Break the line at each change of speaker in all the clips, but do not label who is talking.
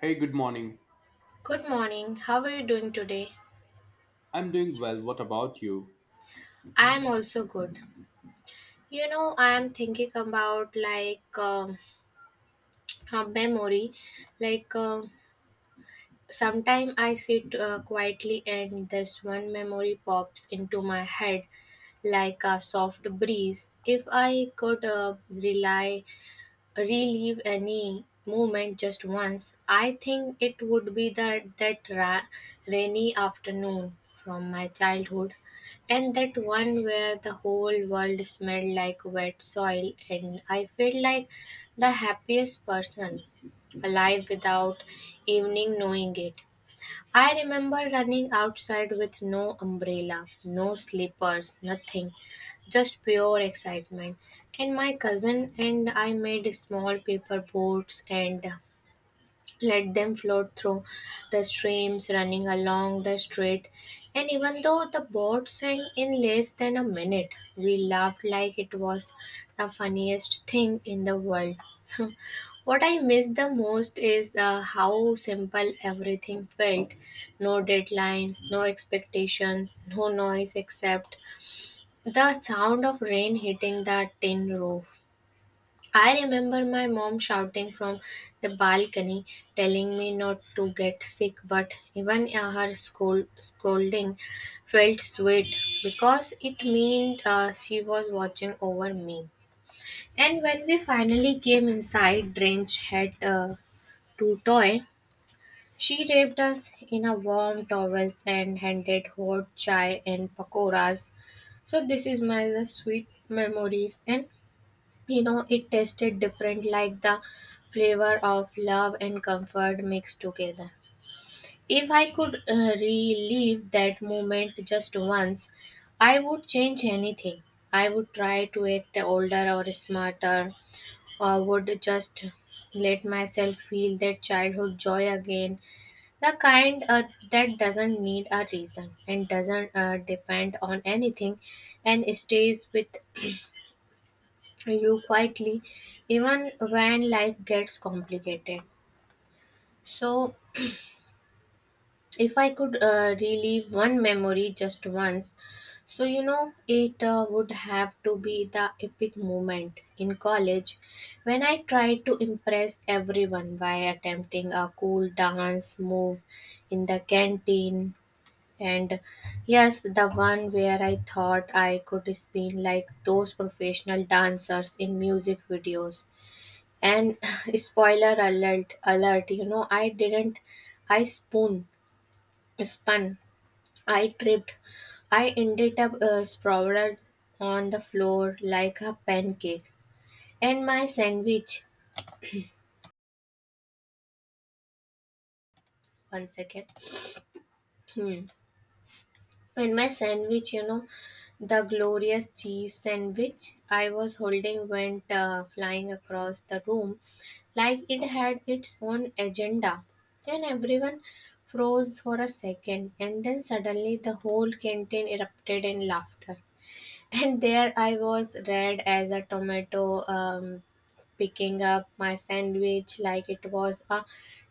Hey, good morning.
Good morning. How are you doing today?
I'm doing well. What about you?
I am also good. I am thinking about a memory. Like um Sometime I sit quietly and this one memory pops into my head like a soft breeze. If I could rely relive any moment just once, I think it would be that rainy afternoon from my childhood, and that one where the whole world smelled like wet soil, and I felt like the happiest person alive without evening knowing it. I remember running outside with no umbrella, no slippers, nothing, just pure excitement. And my cousin and I made small paper boats and let them float through the streams running along the street. And even though the boat sank in less than a minute, we laughed like it was the funniest thing in the world. What I miss the most is how simple everything felt. No deadlines, no expectations, no noise except the sound of rain hitting the tin roof. I remember my mom shouting from the balcony, telling me not to get sick, but even her scolding felt sweet because it meant she was watching over me. And when we finally came inside, drenched had to Toy, she wrapped us in a warm towel and handed hot chai and pakoras. So this is my the sweet memories, and you know it tasted different like the flavor of love and comfort mixed together. If I could relive that moment just once, I would change anything. I would try to act older or smarter, or would just let myself feel that childhood joy again. The kind that doesn't need a reason and doesn't depend on anything and stays with you quietly even when life gets complicated. So, if I could relive one memory just once, it would have to be the epic moment in college when I tried to impress everyone by attempting a cool dance move in the canteen. And yes, the one where I thought I could spin like those professional dancers in music videos. And spoiler alert, you know, I didn't, I spoon, spun, I tripped. I ended up sprawled on the floor like a pancake. And my sandwich, one second. Hmm. And my sandwich, you know, the glorious cheese sandwich I was holding went flying across the room like it had its own agenda. And everyone froze for a second, and then suddenly the whole canteen erupted in laughter. And there I was, red as a tomato, picking up my sandwich like it was a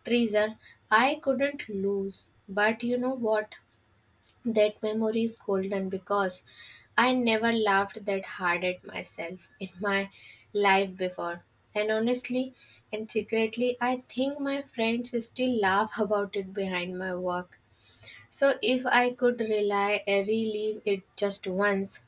treasure I couldn't lose. But you know what? That memory is golden because I never laughed that hard at myself in my life before. And honestly and secretly, I think my friends still laugh about it behind my work. So if I could rely relive it just once,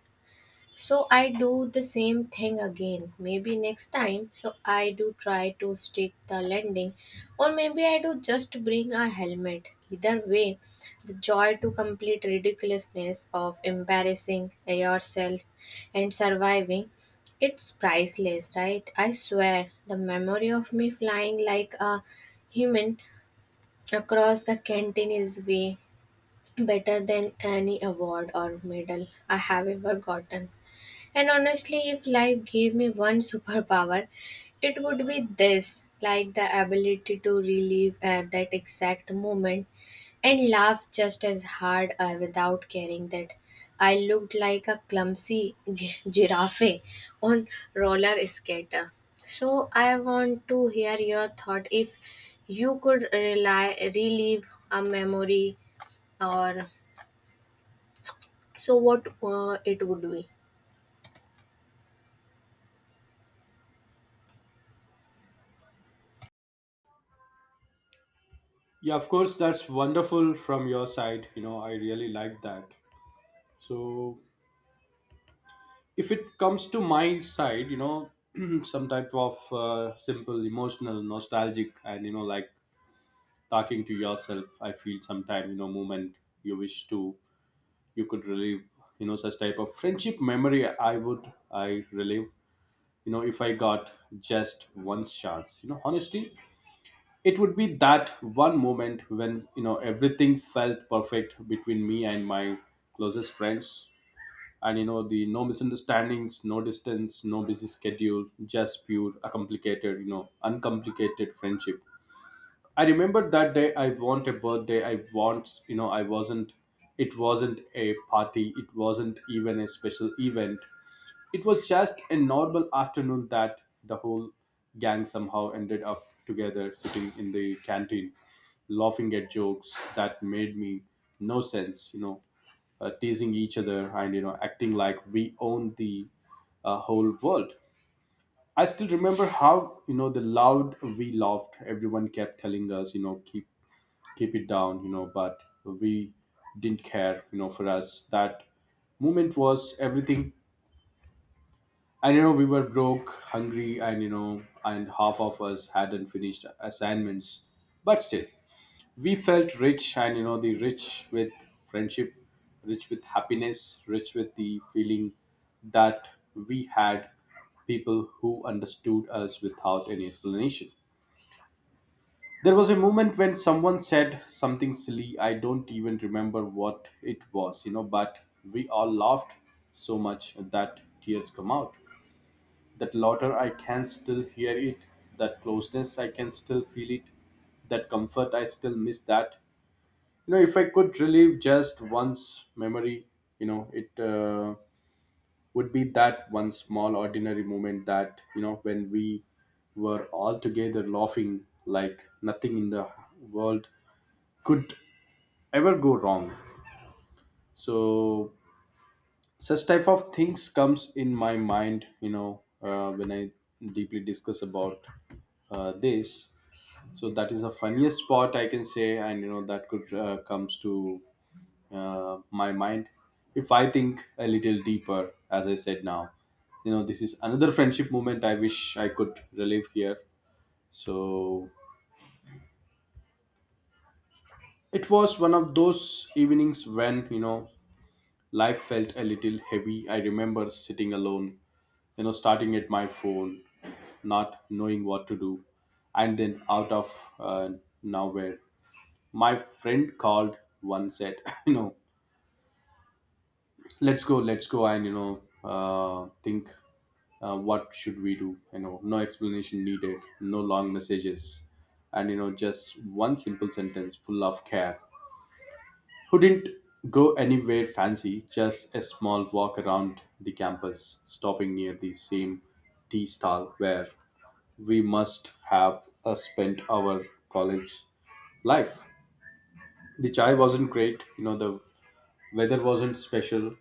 so I do the same thing again. Maybe next time so I do try to stick the landing, or maybe I do just bring a helmet. Either way, the joy to complete ridiculousness of embarrassing yourself and surviving, it's priceless, right? I swear, the memory of me flying like a human across the canteen is way better than any award or medal I have ever gotten. And honestly, if life gave me one superpower, it would be this, like the ability to relive at that exact moment and laugh just as hard without caring that I looked like a clumsy giraffe on roller skater. So, I want to hear your thought if you could relive a memory, or so what it would be.
Yeah, of course, that's wonderful from your side. You know, I really like that. So, if it comes to my side, you know, some type of simple, emotional, nostalgic, and you know, like talking to yourself, I feel sometime, you know, moment you wish to, you could relive, you know, such type of friendship memory. I relive, you know, if I got just one chance, you know, honesty it would be that one moment when you know everything felt perfect between me and my closest friends. And you know the no misunderstandings, no distance, no busy schedule, just pure a complicated, you know, uncomplicated friendship. I remember that day I want a birthday I want, you know, I wasn't it wasn't a party, it wasn't even a special event, it was just a normal afternoon that the whole gang somehow ended up together sitting in the canteen, laughing at jokes that made me no sense, you know, teasing each other and, you know, acting like we own the whole world. I still remember how, you know, the loud we laughed, everyone kept telling us, you know, keep it down, you know, but we didn't care, you know, for us. That moment was everything. And you know, we were broke, hungry, and you know, and half of us hadn't finished assignments. But still, we felt rich, and you know, the rich with friendship, rich with happiness, rich with the feeling that we had people who understood us without any explanation. There was a moment when someone said something silly. I don't even remember what it was, you know, but we all laughed so much that tears come out. That laughter I can still hear it, that closeness I can still feel it, that comfort I still miss that. You know, if I could relive just one's memory, you know, it would be that one small ordinary moment that, you know, when we were all together laughing like nothing in the world could ever go wrong. So such type of things comes in my mind, you know, when I deeply discuss about this. So that is the funniest part I can say, and you know that could comes to my mind if I think a little deeper. As I said now, you know, this is another friendship moment I wish I could relive here. So it was one of those evenings when, you know, life felt a little heavy. I remember sitting alone, you know, starting at my phone, not knowing what to do. And then out of nowhere, my friend called one said, you know, let's go and, you know, think what should we do. You know, no explanation needed, no long messages, and you know just one simple sentence full of care. Who didn't go anywhere fancy, just a small walk around the campus, stopping near the same tea stall where we must have spent our college life. The chai wasn't great, you know, the weather wasn't special,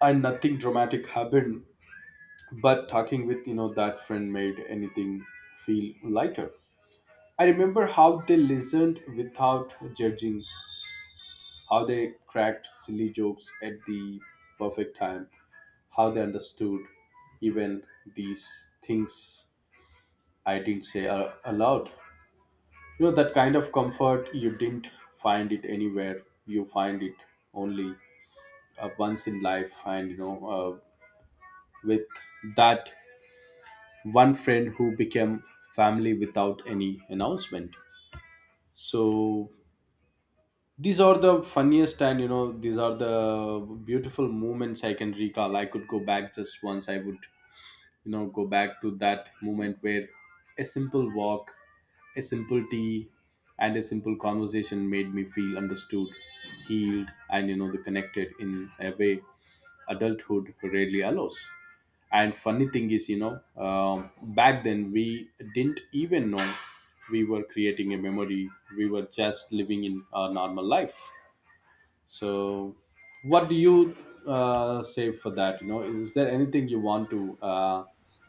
and nothing dramatic happened. But talking with, you know, that friend made anything feel lighter. I remember how they listened without judging, how they cracked silly jokes at the perfect time, how they understood even these things I didn't say are allowed. You know, that kind of comfort, you didn't find it anywhere. You find it only once in life. And, you know, with that one friend who became family without any announcement. So these are the funniest, and you know these are the beautiful moments I can recall. I could go back just once, I would, you know, go back to that moment where a simple walk, a simple tea, and a simple conversation made me feel understood, healed, and you know the connected in a way adulthood rarely allows. And funny thing is, you know, um, back then we didn't even know we were creating a memory, we were just living in a normal life. So, what do you say for that? You know, is there anything you want to uh,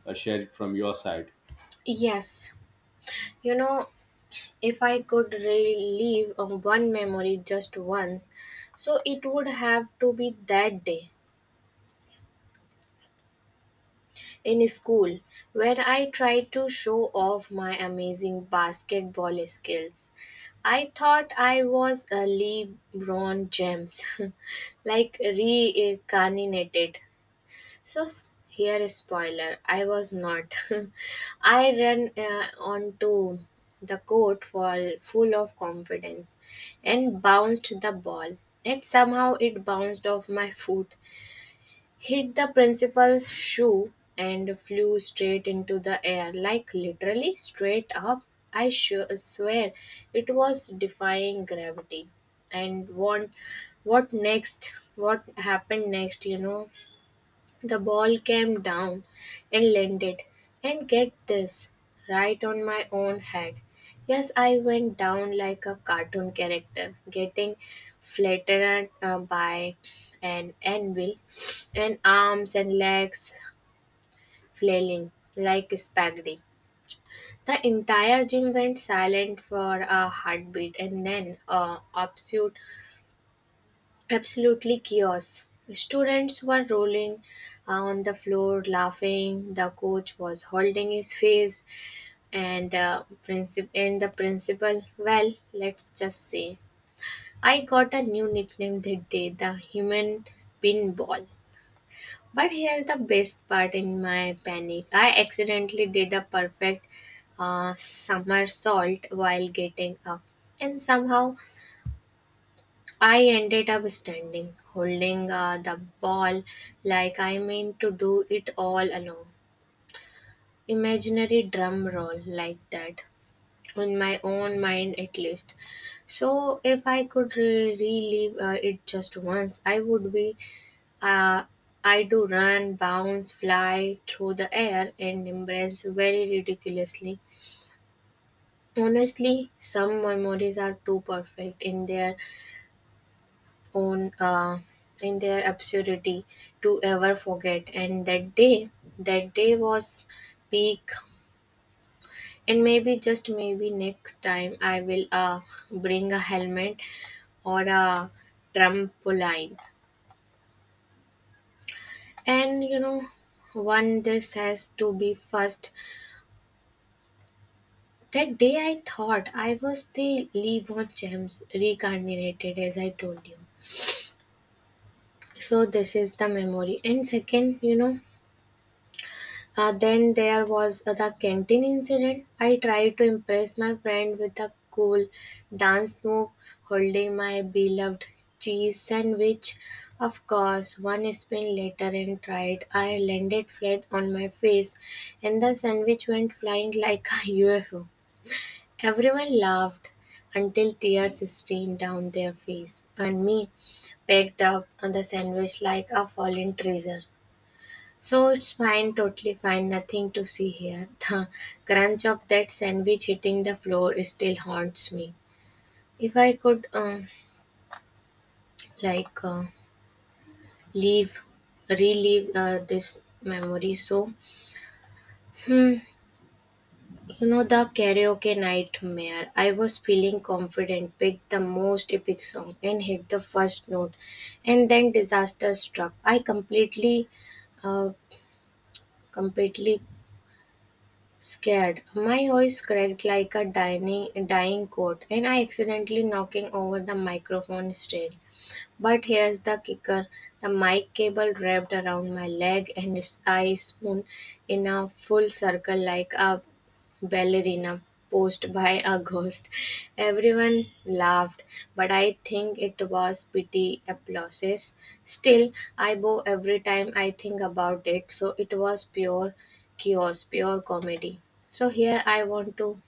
uh, share from your side?
Yes, you know, if I could relive on one memory, just one, so it would have to be that day in school where I tried to show off my amazing basketball skills. I thought I was a LeBron James, like reincarnated. Here is spoiler. I was not. I ran onto the court for full of confidence and bounced the ball. And somehow it bounced off my foot, hit the principal's shoe, and flew straight into the air, like literally straight up. I sure swear it was defying gravity. And what next? What happened next? You know, the ball came down and landed, and get this, right on my own head. Yes, I went down like a cartoon character, getting flattened by an anvil, and arms and legs flailing like spaghetti. The entire gym went silent for a heartbeat, and then a obscene absolutely chaos. Students were rolling on the floor laughing. The coach was holding his face, and and the principal, well, let's just say I got a new nickname that day, the human pinball. But here's the best part in my panic. I accidentally did a perfect somersault while getting up, and somehow I ended up standing, holding the ball like I meant to do it all along. Imaginary drum roll like that, in my own mind at least. So, if I could relive it just once, I would be. Uh, I do run, bounce, fly through the air, and embrace very ridiculously. Honestly, some memories are too perfect in their own in their absurdity to ever forget. And that day was peak. And maybe, just maybe, next time I will bring a helmet or a trampoline. And you know, one, this has to be first, that day I thought I was the LeBron James reincarnated, as I told you, so this is the memory. And second, you know, then there was the canteen incident. I tried to impress my friend with a cool dance move, holding my beloved cheese sandwich. Of course, one spin later and tried, I landed flat on my face, and the sandwich went flying like a UFO. Everyone laughed until tears streamed down their face, and me packed up on the sandwich like a fallen treasure. So it's fine, totally fine, nothing to see here. The crunch of that sandwich hitting the floor still haunts me. If I could, like, uh, leave, relive this memory, so, hmm, you know, the karaoke nightmare. I was feeling confident, picked the most epic song, and hit the first note, and then disaster struck. I uh, completely scared, my voice cracked like a dying goat, and I accidentally knocking over the microphone stand. But here's the kicker: the mic cable wrapped around my leg, and I spun in a full circle like a ballerina posed by a ghost. Everyone laughed, but I think it was pity applause. Still, I bow every time I think about it, so it was pure chaos, pure comedy. So here I want to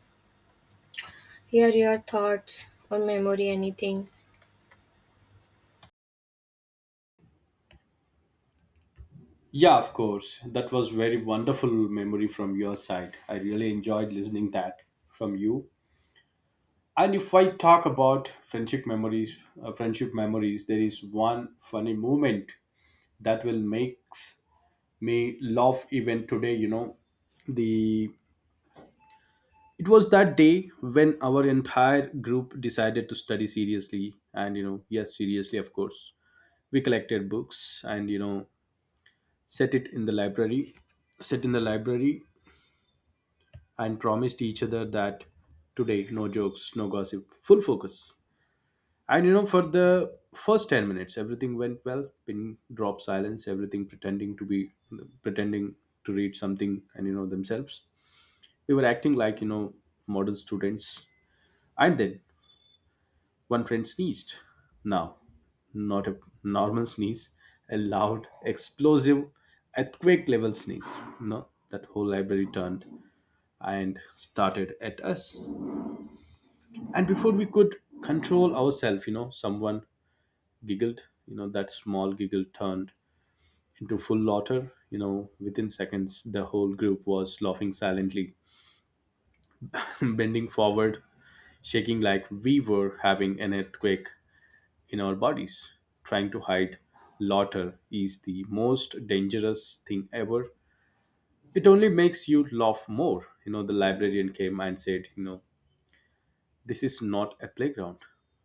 hear your thoughts or memory anything.
Yeah, of course. That was very wonderful memory from your side. I really enjoyed listening that from you. And if I talk about friendship memories, there is one funny moment that will makes me laugh even today. You know, the it was that day when our entire group decided to study seriously, and you know, yes, seriously, of course. We collected books and, you know, set it in the library sit in the library and promised each other that today no jokes, no gossip, full focus. And you know, for the first 10 minutes everything went well, pin drop silence, everything pretending to read something, and you know themselves we were acting like, you know, model students. And then one friend sneezed. Now, not a normal sneeze, a loud, explosive, earthquake level sneeze. No, that whole library turned and started at us. And before we could control ourselves, you know, someone giggled. You know, that small giggle turned into full laughter. You know, within seconds, the whole group was laughing silently, bending forward, shaking like we were having an earthquake in our bodies. Trying to hide laughter is the most dangerous thing ever. It only makes you laugh more. You know, the librarian came and said, you know, this is not a playground.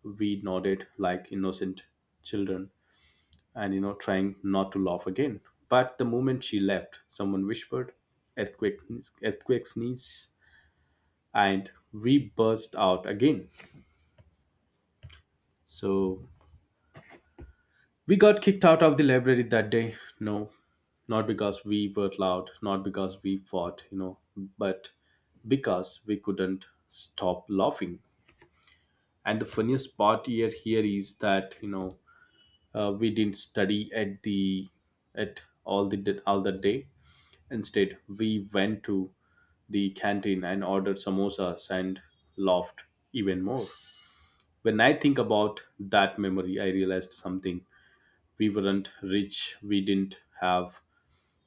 We nodded like innocent children and, you know, trying not to laugh again. But the moment she left, someone whispered, earthquake, earthquake sneeze, and we burst out again. So we got kicked out of the library that day. No, not because we were loud, not because we fought, you know, but because we couldn't stop laughing. And the funniest part here is that, you know, we didn't study at the at all the day. Instead, we went to the canteen and ordered samosas and laughed even more. When I think about that memory, I realized something: we weren't rich, we didn't have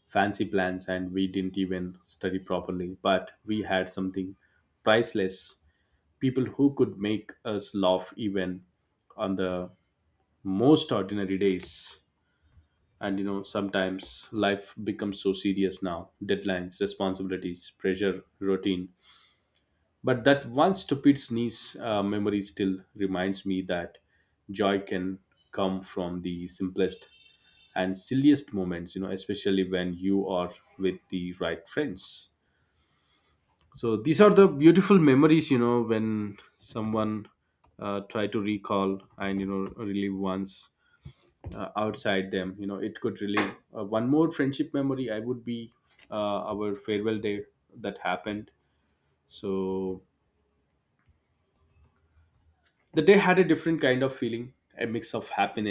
fancy plans, and we didn't even study properly, but we had something priceless, people who could make us laugh even on the most ordinary days. And you know, sometimes life becomes so serious now, deadlines, responsibilities, pressure, routine, but that one stupid sneeze memory still reminds me that joy can come from the simplest and silliest moments, you know, especially when you are with the right friends. So these are the beautiful memories, you know, when someone try to recall and you know relive once outside them, you know, it could relive one more friendship memory. I would be uh, our farewell day that happened. So the day had a different kind of feeling, a mix of happiness,